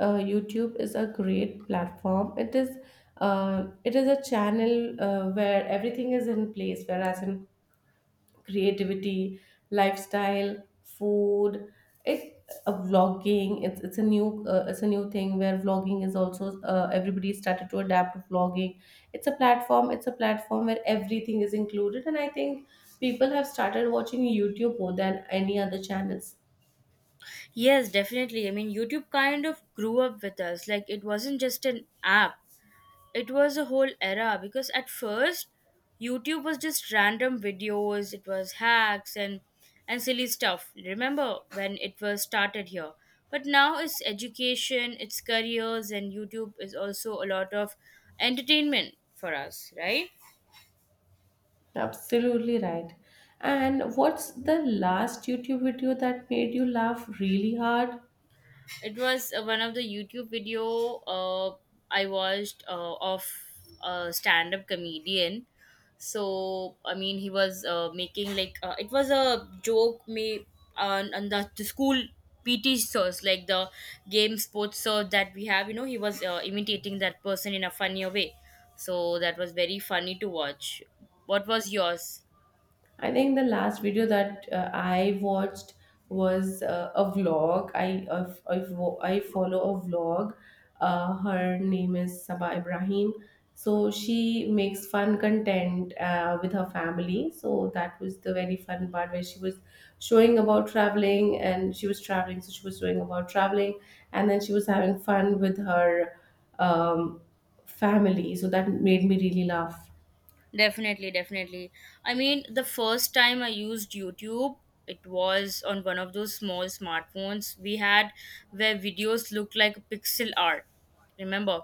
YouTube is a great platform. It is a channel where everything is in place. Whereas in creativity, lifestyle, food, it's a vlogging. It's a new it's a new thing where vlogging is also everybody started to adapt to vlogging. It's a platform. It's a platform where everything is included, and I think people have started watching YouTube more than any other channels. Yes, definitely. I mean, YouTube kind of grew up with us. Like, it wasn't just an app, it was a whole era because at first, YouTube was just random videos, it was hacks and silly stuff. Remember when it was started here? But now it's education, it's careers and YouTube is also a lot of entertainment for us, right? Absolutely right. And what's the last YouTube video that made you laugh really hard? It was one of the YouTube video I watched of a stand-up comedian. So I mean, he was making like it was a joke made on the school PT source, like the game sports source that we have. You know, he was imitating that person in a funnier way. So that was very funny to watch. What was yours? I think the last video that I watched was a vlog. I follow a vlog. Her name is Saba Ibrahim. So she makes fun content with her family. So that was the very fun part where she was showing about traveling and she was traveling. So she was showing about traveling and then she was having fun with her um, family. So that made me really laugh. Definitely, definitely. I mean, the first time I used YouTube, it was on one of those small smartphones we had where videos looked like pixel art. Remember?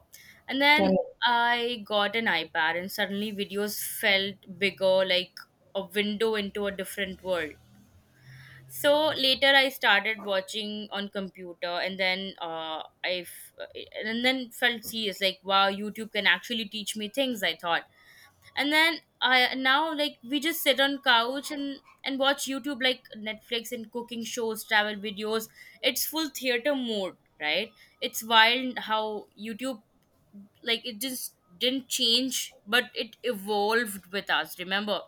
And then I got an iPad, and suddenly videos felt bigger, like a window into a different world. So later, I started watching on computer, and then and then felt serious, like wow, YouTube can actually teach me things. I thought. And then I now like we just sit on couch and watch YouTube like Netflix and cooking shows, travel videos. It's full theater mode, right? It's wild how YouTube, like it just didn't change but it evolved with us. Remember?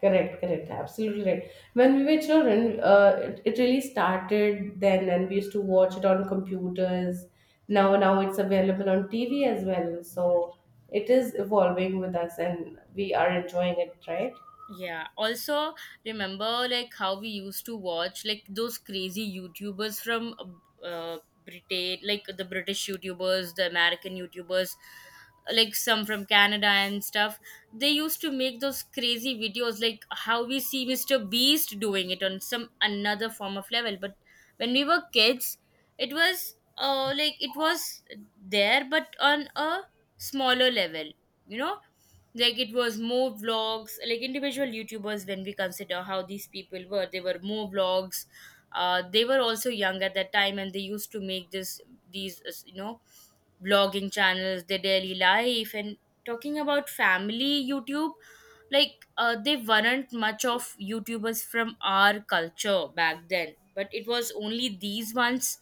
Correct, correct, absolutely right. When we were children, it really started then, and we used to watch it on computers. Now, now it's available on TV as well. So it is evolving with us, and we are enjoying it, right? Yeah. Also, remember like how we used to watch like those crazy YouTubers from uh, uh, Britain, like the British YouTubers, the American YouTubers, like some from Canada and stuff. They used to make those crazy videos, like how we see Mr. Beast doing it on some another form of level. But when we were kids, it was like it was there, but on a smaller level. You know, like it was more vlogs like individual YouTubers. When we consider how these people were, they were more vlogs. Uh, they were also young at that time and they used to make this these you know, vlogging channels, their daily life and talking about family, YouTube. Like they weren't much of YouTubers from our culture back then, but it was only these ones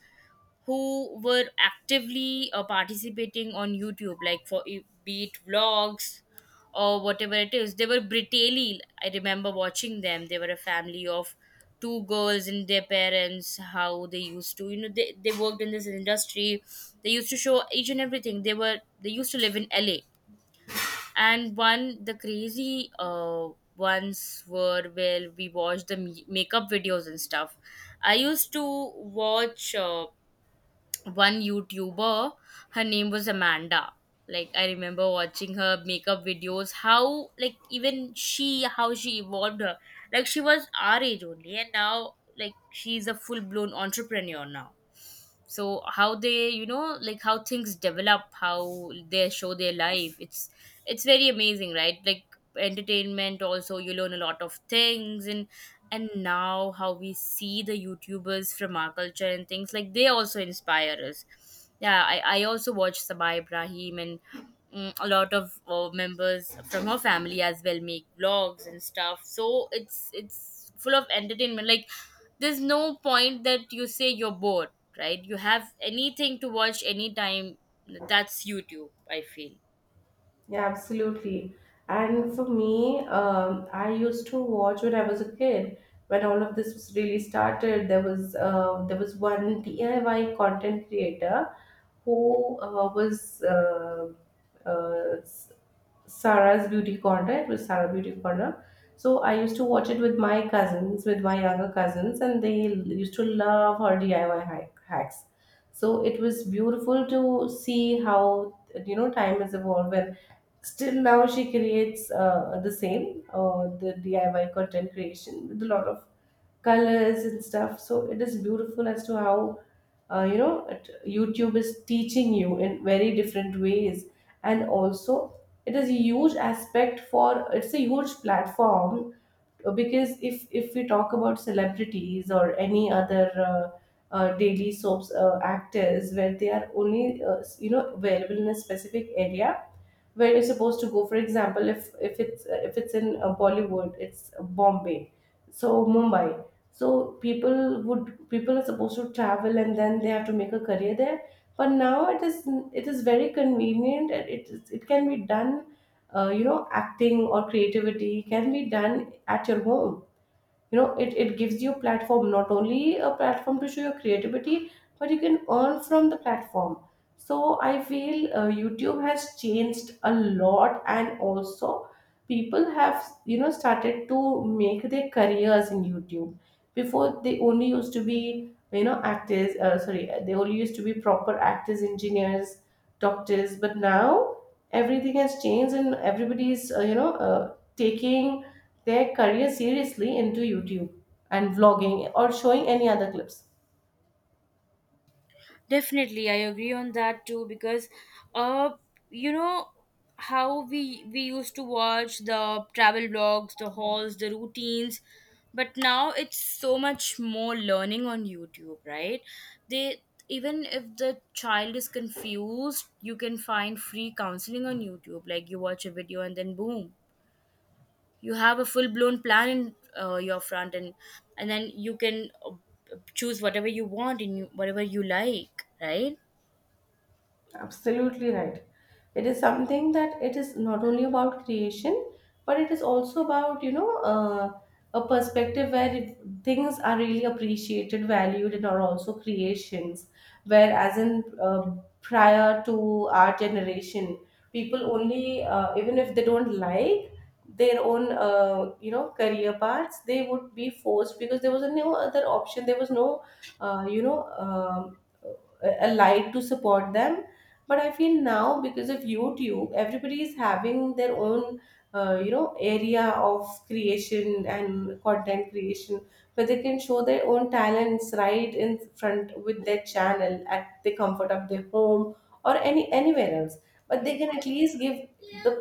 who were actively participating on YouTube, like be it vlogs or whatever it is. They were Britelli. I remember watching them. They were a family of two girls and their parents. How they used to, you know, they worked in this industry. They used to show each and everything. They used to live in LA, and one the crazy ones were where we watched the makeup videos and stuff. I used to watch. One YouTuber, her name was Amanda. Like I remember watching her makeup videos, how like even she, how she evolved her. Like she was our age only and now like she's a full blown entrepreneur now. So how they, you know, like how things develop, how they show their life, it's very amazing, right? Like entertainment, also you learn a lot of things. And now how we see the YouTubers from our culture and things, like they also inspire us. Yeah, I also watch Sabah Ibrahim and a lot of members from her family as well make vlogs and stuff. So it's full of entertainment, like there's no point that you say you're bored, right? You have anything to watch anytime. That's YouTube, I feel. Yeah, absolutely. And for me, I used to watch when I was a kid. When all of this was really started, there was one DIY content creator who was uh, Sarah's Beauty Corner. It was Sarah Beauty Corner. So I used to watch it with my cousins, with my younger cousins, and they used to love her hacks. So it was beautiful to see how you know time has evolved, and still now she creates the same the DIY content creation with a lot of colors and stuff. So it is beautiful as to how you know YouTube is teaching you in very different ways, and also it's a huge platform because if we talk about celebrities or any other daily soaps actors where they are only you know available in a specific area where you're supposed to go. For example, if it's in Bollywood, it's Bombay, so Mumbai. So people are supposed to travel and then they have to make a career there, but now it is very convenient, and it can be done. You know, acting or creativity can be done at your home. You know, it gives you platform, not only a platform to show your creativity, but you can earn from the platform. So I feel YouTube has changed a lot, and also people have, you know, started to make their careers in YouTube. Before, they only used to be, you know, actors. Sorry, they only used to be proper actors, engineers, doctors, but now everything has changed, and everybody is taking their career seriously into YouTube and vlogging or showing any other clips. Definitely, I agree on that too. Because uh you know how we used to watch the travel vlogs, the hauls, the routines, but now it's so much more learning on YouTube, right? They, even if the child is confused, you can find free counseling on YouTube. Like you watch a video and then boom, you have a full blown plan in your front, and then you can choose whatever you want and whatever you like, right? Absolutely right. It is something that it is not only about creation, but it is also about, you know, a perspective where things are really appreciated, valued, and are also creations. Whereas in prior to our generation, people only, even if they don't like their own, you know, career paths, they would be forced because there was no other option. There was no, uh, you know, um, a light to support them. But I feel now, because of YouTube, everybody is having their own you know area of creation and content creation where they can show their own talents right in front with their channel at the comfort of their home or anywhere else. But they can at least give the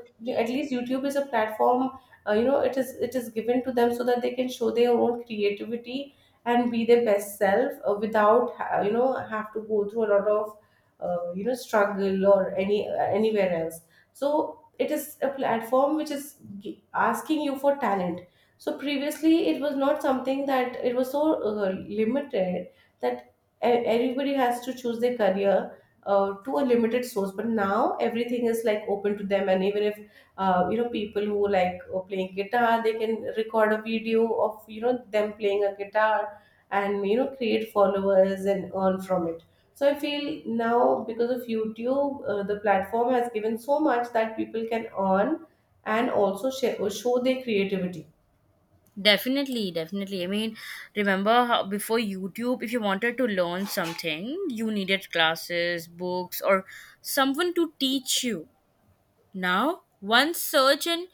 at least YouTube is a platform. You know, it is given to them so that they can show their own creativity and be their best self without you know have to go through a lot of you know struggle or anywhere else. So it is a platform which is asking you for talent. So previously, it was not something that it was so limited that everybody has to choose their career to a limited source, but now everything is like open to them. And even if you know people who like playing guitar, they can record a video of, you know, them playing a guitar, and you know create followers and earn from it. So I feel now, because of YouTube, the platform has given so much that people can earn and also share, show their creativity. Definitely, definitely. I mean, remember how before YouTube, if you wanted to learn something, you needed classes, books, or someone to teach you. Now one search and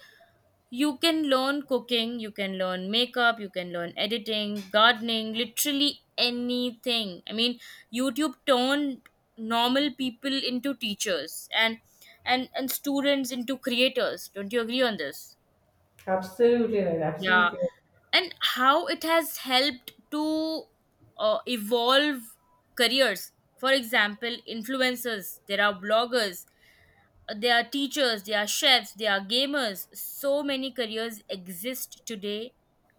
you can learn cooking, you can learn makeup, you can learn editing, gardening, literally anything. I mean, YouTube turned normal people into teachers and students into creators. Don't you agree on this? Absolutely right. Yeah. Absolutely. And how it has helped to evolve careers. For example, influencers, there are bloggers, they are teachers, they are chefs, they are gamers. So many careers exist today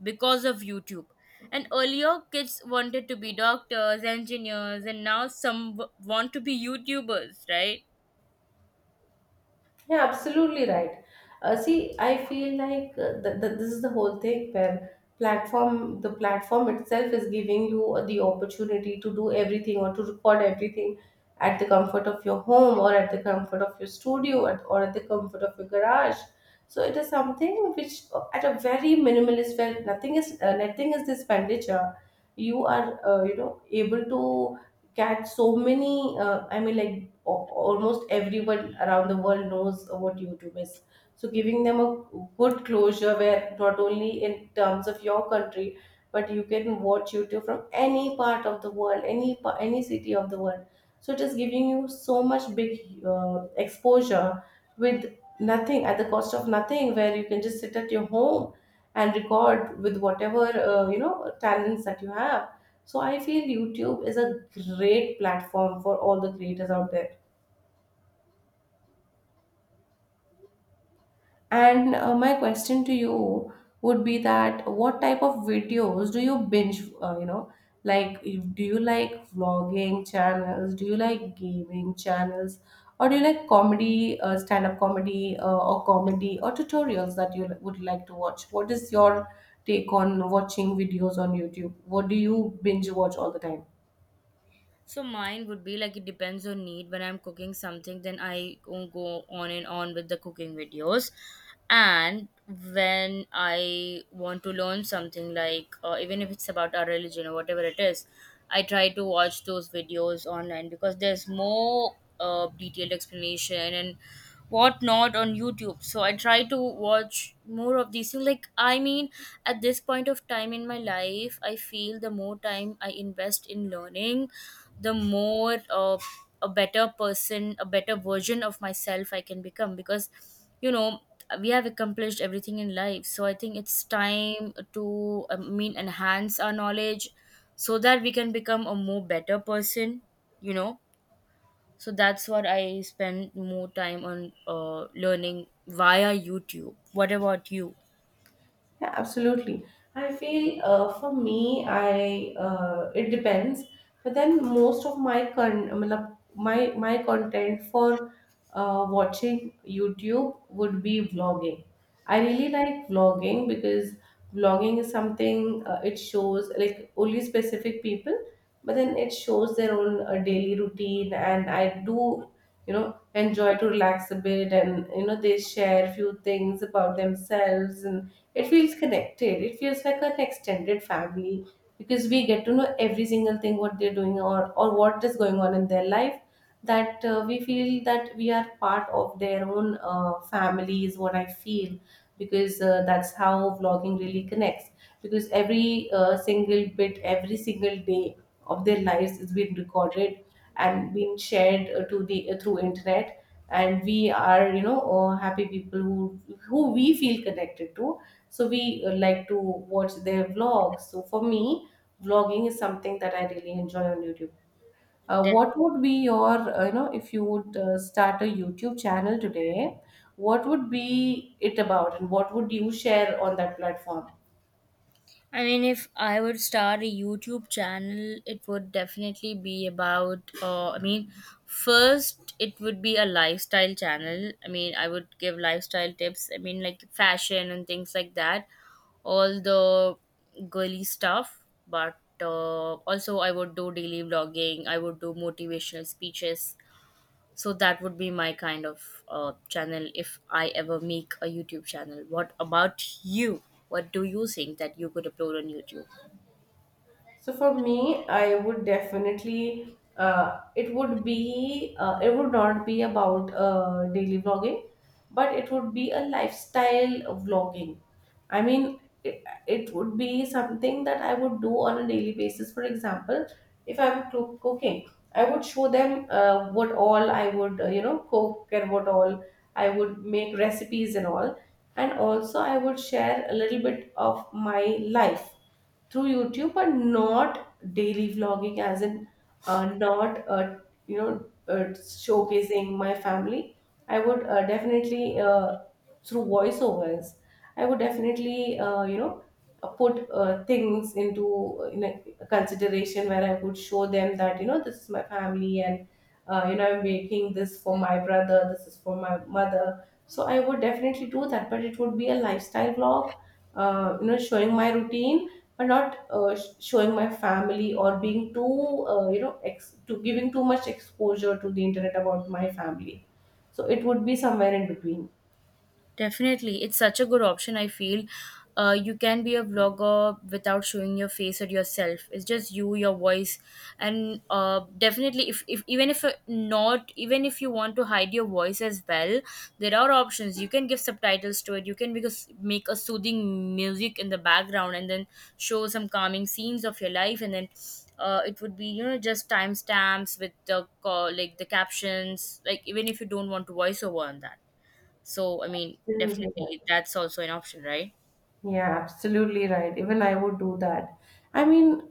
because of YouTube. And earlier, kids wanted to be doctors, engineers, and now some want to be YouTubers, right? Yeah, absolutely right. See, I feel like this is the whole thing where platform the platform itself is giving you the opportunity to do everything or to record everything at the comfort of your home, or at the comfort of your studio or at the comfort of your garage. So it is something which at a very minimalist where nothing is the expenditure. You are you know able to catch so many. I mean, like almost everyone around the world knows what YouTube is. So giving them a good closure where not only in terms of your country, but you can watch YouTube from any part of the world, any city of the world. So it is giving you so much big exposure with nothing, at the cost of nothing, where you can just sit at your home and record with whatever you know talents that you have. So I feel YouTube is a great platform for all the creators out there. And my question to you would be that what type of videos do you binge, you know, do you like vlogging channels? Do you like gaming channels? Or do you like comedy, stand-up comedy, or tutorials that you would like to watch? What is your take on watching videos on YouTube? What do you binge watch all the time? So mine would be like it depends on need. When I'm cooking something, then I go on and on with the cooking videos. And when I want to learn something, like even if it's about our religion or whatever it is, I try to watch those videos online because there's more detailed explanation and whatnot on YouTube. So I try to watch more of these things. Like I mean, at this point of time in my life, I feel the more time I invest in learning, the more a better person, a better version of myself I can become. Because you know, we have accomplished everything in life, so I think it's time to I mean enhance our knowledge so that we can become a more better person, you know. So that's what I spend more time on, learning via YouTube. What about you? Yeah, absolutely. I feel for me, I it depends. But then most of my my content for watching YouTube would be vlogging. I really like vlogging because vlogging is something. It shows like only specific people, but then it shows their own daily routine, and I do you know enjoy to relax a bit, and you know they share few things about themselves. And it feels connected. It feels like an extended family because we get to know every single thing what they're doing, or what is going on in their life. That we feel that we are part of their own family is what I feel because that's how vlogging really connects. Because every single bit, every single day of their lives is being recorded and being shared to the through internet, and we are you know happy people who we feel connected to. So we like to watch their vlogs. So for me, vlogging is something that I really enjoy on YouTube. What would be your you know, if you would start a YouTube channel today, what would be it about, and what would you share on that platform? I mean, if I would start a YouTube channel, it would definitely be about, I mean, first, it would be a lifestyle channel. I mean, I would give lifestyle tips. I mean, like fashion and things like that, all the girly stuff. But also, I would do daily vlogging, I would do motivational speeches, so that would be my kind of channel if I ever make a YouTube channel. What about you? What do you think that you could upload on YouTube? So for me, I would definitely it would not be about daily vlogging, but it would be a lifestyle vlogging. I mean, it would be something that I would do on a daily basis. For example, if I'm cooking, I would show them what all I would you know cook, and what all I would make recipes and all. And also, I would share a little bit of my life through YouTube, but not daily vlogging, as in not you know showcasing my family. I would definitely through voiceovers. I would definitely you know put things into, you know, consideration where I could show them that you know this is my family, and you know I'm making this for my brother. This is for my mother. So I would definitely do that, but it would be a lifestyle vlog. You know, showing my routine, or not showing my family, or being too you know ex- to giving too much exposure to the internet about my family. So it would be somewhere in between. Definitely, it's such a good option. I feel you can be a vlogger without showing your face or yourself. It's just you, your voice, and definitely, if even if not, even if you want to hide your voice as well, there are options. You can give subtitles to it. You can because make a soothing music in the background and then show some calming scenes of your life, and then. It would be you know just timestamps with the call, like the captions, like even if you don't want to voice over on that. So, I mean, Absolutely right. definitely that's also an option, right? Yeah, absolutely right, even I would do that. I mean,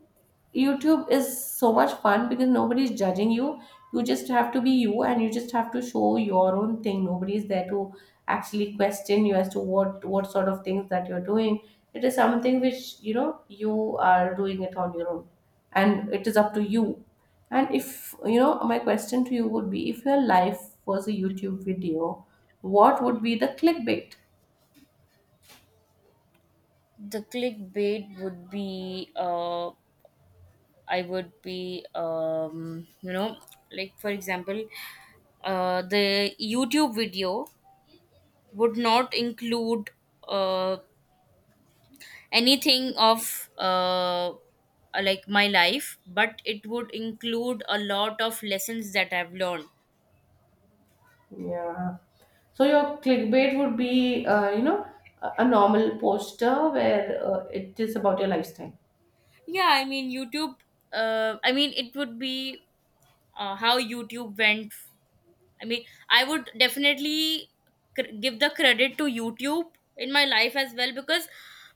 YouTube is so much fun because nobody is judging you. You just have to be you, and you just have to show your own thing. Nobody is there to actually question you as to what sort of things that you're doing. It is something which, you know, you are doing it on your own and it is up to you. And if, you know, my question to you would be if your life was a YouTube video, what would be the clickbait? The clickbait would be, I would be, you know, like for example, the YouTube video would not include uh, anything of like my life, but it would include a lot of lessons that I've learned. Yeah. So your clickbait would be, you know, a normal poster where it is about your lifestyle. Yeah, I mean, YouTube, I mean, it would be how YouTube went. I mean, I would definitely give the credit to YouTube in my life as well, because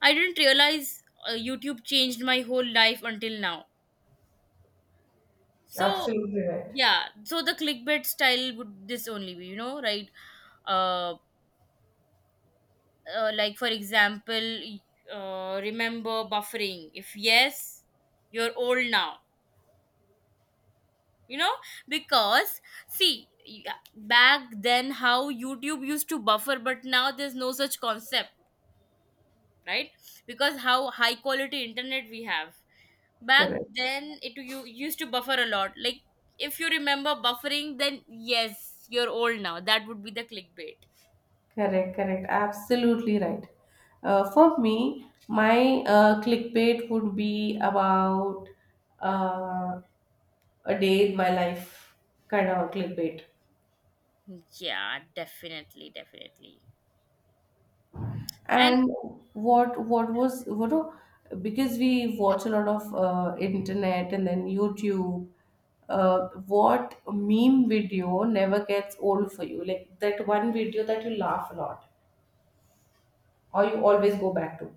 I didn't realize YouTube changed my whole life until now. So, Absolutely right. yeah, so the clickbait style would this only be, you know, right? Uh, like, for example, remember buffering. If yes, you're old now, you know. Because see, back then how YouTube used to buffer, but now there's no such concept, right? Because how high quality internet we have. Back Correct, then it, you used to buffer a lot. Like if you remember buffering, then yes, you're old now. That would be the clickbait. correct, correct. Absolutely right. For me, my clickbait would be about uh, a day in my life kind of a clickbait. Yeah, definitely, definitely. And And what was what do- because we watch a lot of internet and then YouTube. What meme video never gets old for you? Like that one video that you laugh a lot, or you always go back to.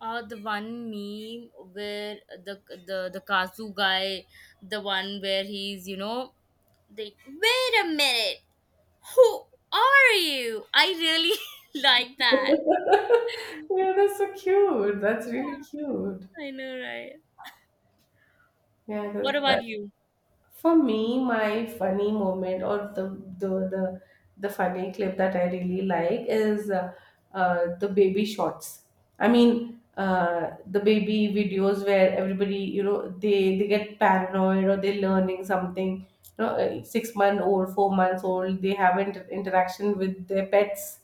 the one meme where the the kazu guy, the one where he's, you know, they wait a minute, who are you. I really like that. Yeah, that's so cute. That's really Yeah, cute. I know, right? Yeah, What that's about that. you? For me, my funny moment or the the, the funny clip that I really like is the baby shots. I mean, the baby videos where everybody, you know, they get paranoid or they're learning something. You know, 6 month old, 4 months old, they have interaction with their pets.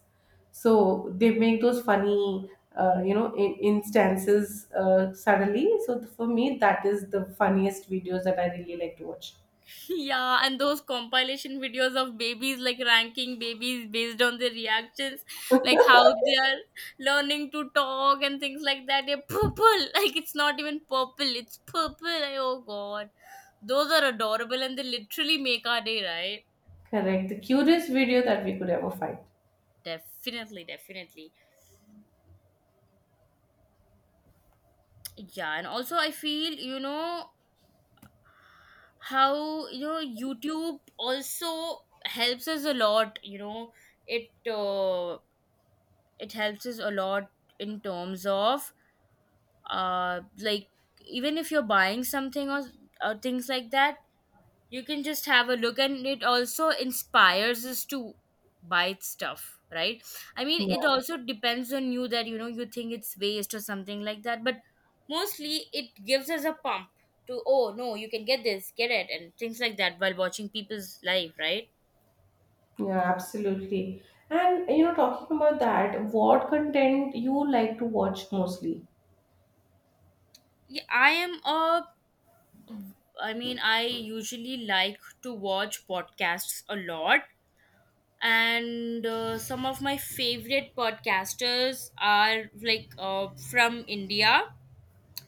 So they make those funny, you know, instances suddenly. So for me, that is the funniest videos that I really like to watch. Yeah, and those compilation videos of babies like ranking babies based on their reactions, like how they are learning to talk and things like that. They're purple, like it's not even purple, it's purple. Like, oh god, those are adorable and they literally make our day, right? Correct. The cutest video that we could ever find. Definitely, definitely. Yeah, and also I feel, you know, how you know YouTube also helps us a lot. You know, it it helps us a lot in terms of like even if you're buying something, or things like that, you can just have a look and it also inspires us to buy stuff, right? I mean, it Yeah, also depends on you that you know you think it's waste or something like that, but mostly it gives us a pump to oh no you can get this, get it and things like that, while watching people's life, right? yeah, absolutely. And you know, talking about that, what content you like to watch mostly? Yeah, I am a, I mean, I usually like to watch podcasts a lot, and some of my favorite podcasters are like from India.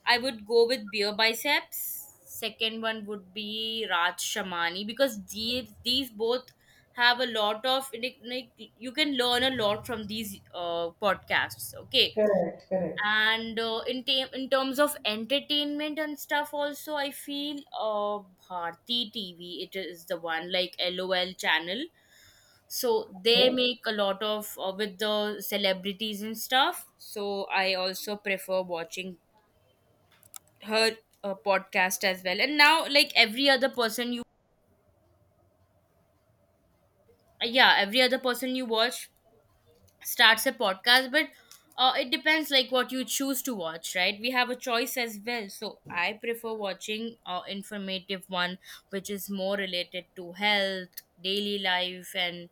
I would go with Beer Biceps. Second one would be Raj Shamani because these both have a lot of like you can learn a lot from these podcasts. Okay, Correct, correct. and in terms of entertainment and stuff also, I feel Bharti TV, it is the one like LOL channel, so they Okay. make a lot of with the celebrities and stuff, so I also prefer watching her podcast as well. And now, like, every other person you yeah, every other person you watch starts a podcast. But it depends like what you choose to watch, right? We have a choice as well, so I prefer watching informative one, which is more related to health, daily life, and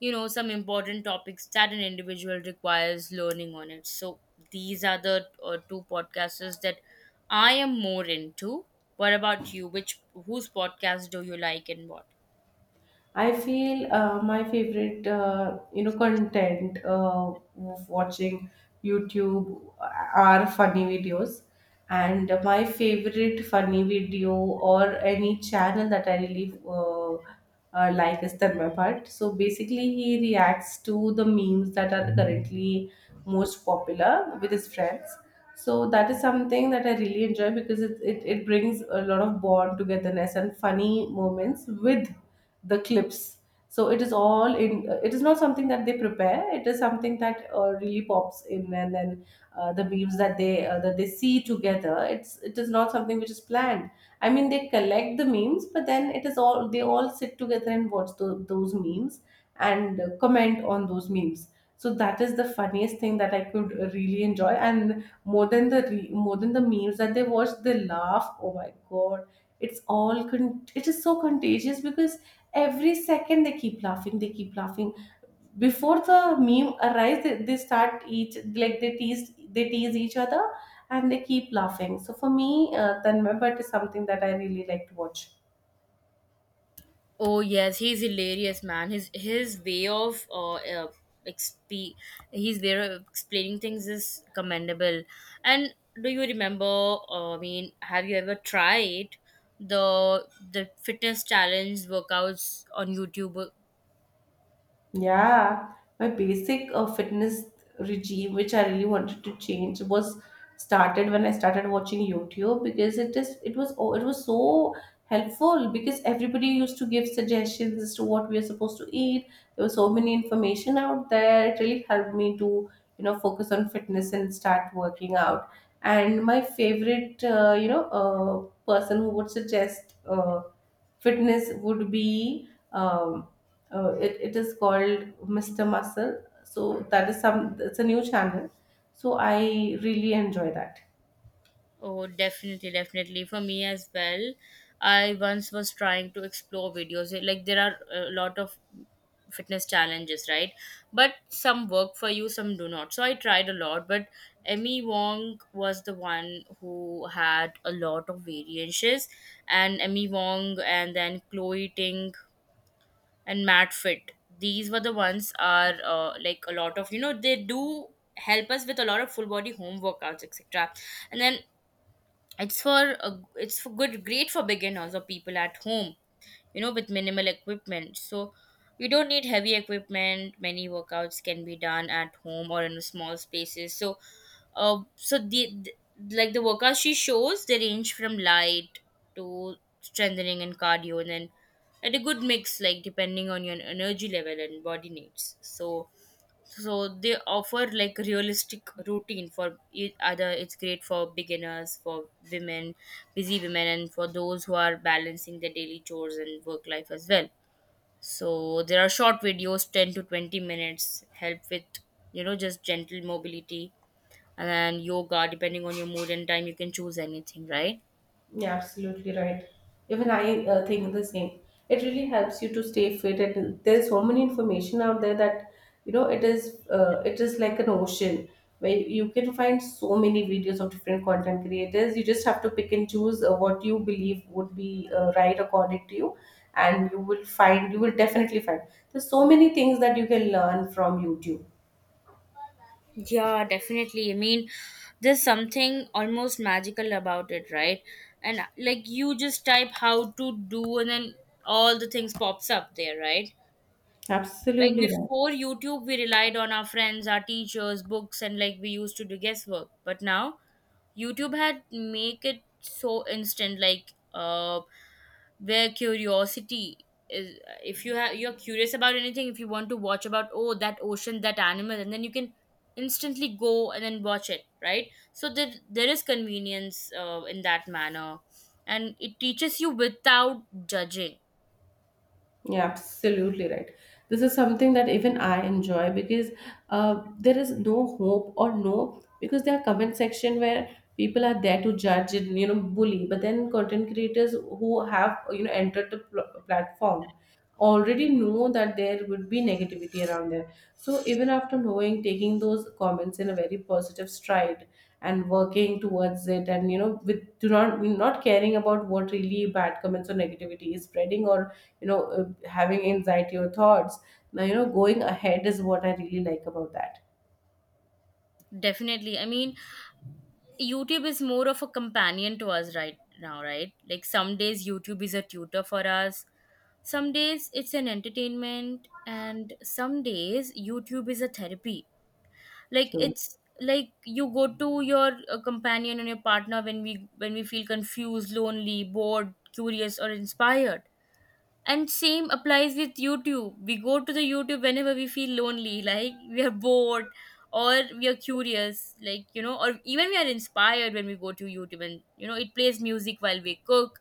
you know, some important topics that an individual requires learning on it. So these are the two podcasts that I am more into. What about you? Which, whose podcast do you like and what? I feel my favorite, you know, content of watching YouTube are funny videos, and my favorite funny video or any channel that I really like is Tanmay Bhatt. So basically, he reacts to the memes that are currently most popular with his friends. So that is something that I really enjoy because it brings a lot of bond togetherness and funny moments with the clips. So it is all in, it is not something that they prepare, it is something that really pops in. And then the memes that they see together, it is not something which is planned. I mean, they collect the memes, but then it is all, they all sit together and watch those memes and comment on those memes. So that is the funniest thing that I could really enjoy. And more than the memes that they watch, they laugh. Oh my god, it's it is so contagious because every second they keep laughing. Before the meme arrives, they start each, like, they tease each other and they keep laughing. So for me, Tanmay But is something that I really like to watch. Oh yes, he's hilarious, man. His way of exp- his way of explaining things is commendable. And do you remember? Have you ever tried the fitness challenge workouts on YouTube? Yeah, my basic fitness regime, which I really wanted to change, was started when I started watching YouTube, because it was, oh, it was so helpful because everybody used to give suggestions as to what we are supposed to eat. There was so many information out there. It really helped me to, you know, focus on fitness and start working out. And my favorite, you know, person who would suggest. Fitness would be it is called Mr. Muscle. So that is some, it's a new channel, so I really enjoy that. Oh, definitely, definitely. For me as well, I once was trying to explore videos. Like, there are a lot of fitness challenges, right? But some work for you, some do not. So I tried a lot, but Emmy Wong was the one who had a lot of variances, and Emmy Wong, and then Chloe Ting, and Matt Fit. These were the ones are, like a lot of, you know, they do help us with a lot of full body home workouts etc. And then it's for good great for beginners or people at home, you know, with minimal equipment. So you don't need heavy equipment. Many workouts can be done at home or in small spaces. So uh, so the, the, like, the workouts she shows, they range from light to strengthening and cardio, and then at a good mix, like depending on your energy level and body needs. So so they offer like realistic routine for either it's great for beginners, for women, busy women, and for those who are balancing their daily chores and work life as well. So there are short videos, 10 to 20 minutes, help with, you know, just gentle mobility, and then yoga, depending on your mood and time, you can choose anything, right? Yeah, absolutely right. Even I think the same. It really helps you to stay fit, and there's so many information out there that, you know, it is like an ocean where you can find so many videos of different content creators. You just have to pick and choose what you believe would be right according to you, and you will definitely find there's so many things that you can learn from YouTube. Yeah, definitely. I mean, there's something almost magical about it, right? And like you just type how to do, and then all the things pops up there, right? Like Absolutely right. before YouTube, we relied on our friends, our teachers, books, and like we used to do guesswork. But now YouTube had make it so instant, like where curiosity is, if you have, you're curious about anything, if you want to watch about, oh, that ocean, that animal, and then you can instantly go and then watch it, right? So there is convenience in that manner, and it teaches you without judging. Yeah, absolutely right. This is something that even I enjoy because there is no hope, or no, because there are comment section where people are there to judge and, you know, bully. But then content creators who have, you know, entered the platform already know that there would be negativity around there. So even after knowing, taking those comments in a very positive stride and working towards it, and, you know, with do not not caring about what really bad comments or negativity is spreading, or, you know, having anxiety or thoughts, now, you know, going ahead is what I really like about that. Definitely, I mean, YouTube is more of a companion to us right now, right? Like some days YouTube is a tutor for us, some days it's an entertainment, and some days YouTube is a therapy. Like True. it's like you go to your companion and your partner when we feel confused, lonely, bored, curious, or inspired. And same applies with YouTube. We go to the YouTube whenever we feel lonely, like we are bored, or we are curious, like you know, or even we are inspired, when we go to YouTube, and you know, it plays music while we cook,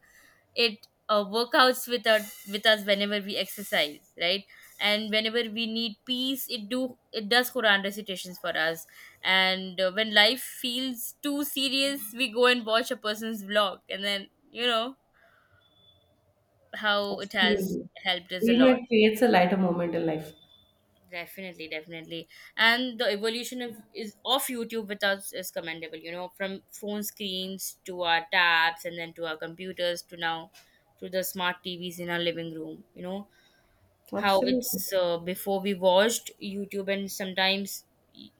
it, workouts with with us whenever we exercise, right? And whenever we need peace, it do, it does Quran recitations for us. And when life feels too serious, we go and watch a person's vlog, and then, you know, how it has Absolutely. helped us a You know, lot. it creates a lighter moment in life. Definitely, definitely. And the evolution of is of YouTube with us is commendable, you know, from phone screens to our tabs, and then to our computers, to now to the smart TVs in our living room, you know how Absolutely. it's, before we watched YouTube, and sometimes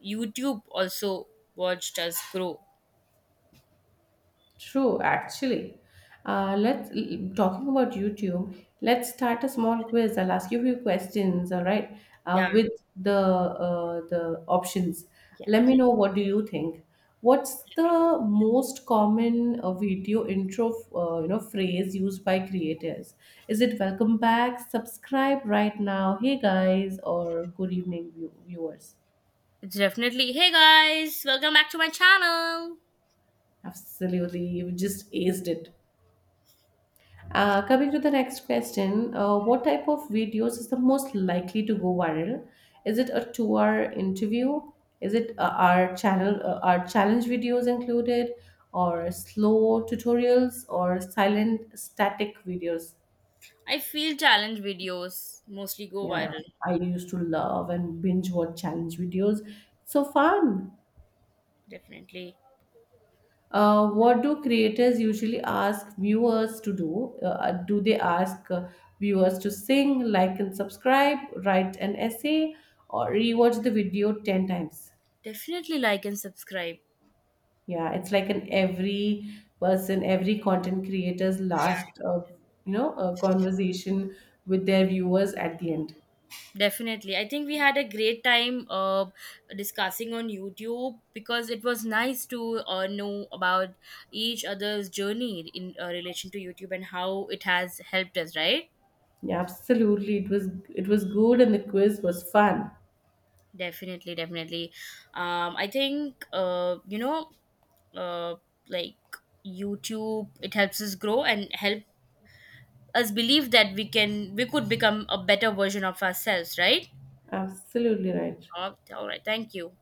YouTube also watched us grow. True, actually. Talking about YouTube. Let's start a small quiz. I'll ask you a few questions. All right, Yeah, with the options. yeah, Let me definitely. know what do you think. What's the most common video intro, you know, phrase used by creators? Is it "Welcome back," "Subscribe right now," "Hey guys," or "Good evening, viewers"? It's definitely, hey guys, welcome back to my channel. Absolutely, you just aced it. Coming to the next question, what type of videos is the most likely to go viral? Is it a two-hour interview? Is it our challenge videos included, or slow tutorials, or silent static videos? I feel challenge videos mostly go Yeah, viral. I used to love and binge watch challenge videos. So fun. Definitely, What do creators usually ask viewers to do? Do they ask viewers to sing, like, and subscribe, write an essay, or rewatch the video 10 times? definitely like and subscribe. Yeah, it's like an every person, every content creator's last, you know, conversation with their viewers at the end. Definitely. I think we had a great time discussing on YouTube, because it was nice to know about each other's journey in relation to YouTube and how it has helped us, right? Yeah, absolutely. It was, it was good, and the quiz was fun. Definitely, definitely. I think, you know, uh, like YouTube, it helps us grow and help us believe that we could become a better version of ourselves, right? Absolutely right. All right. Thank you.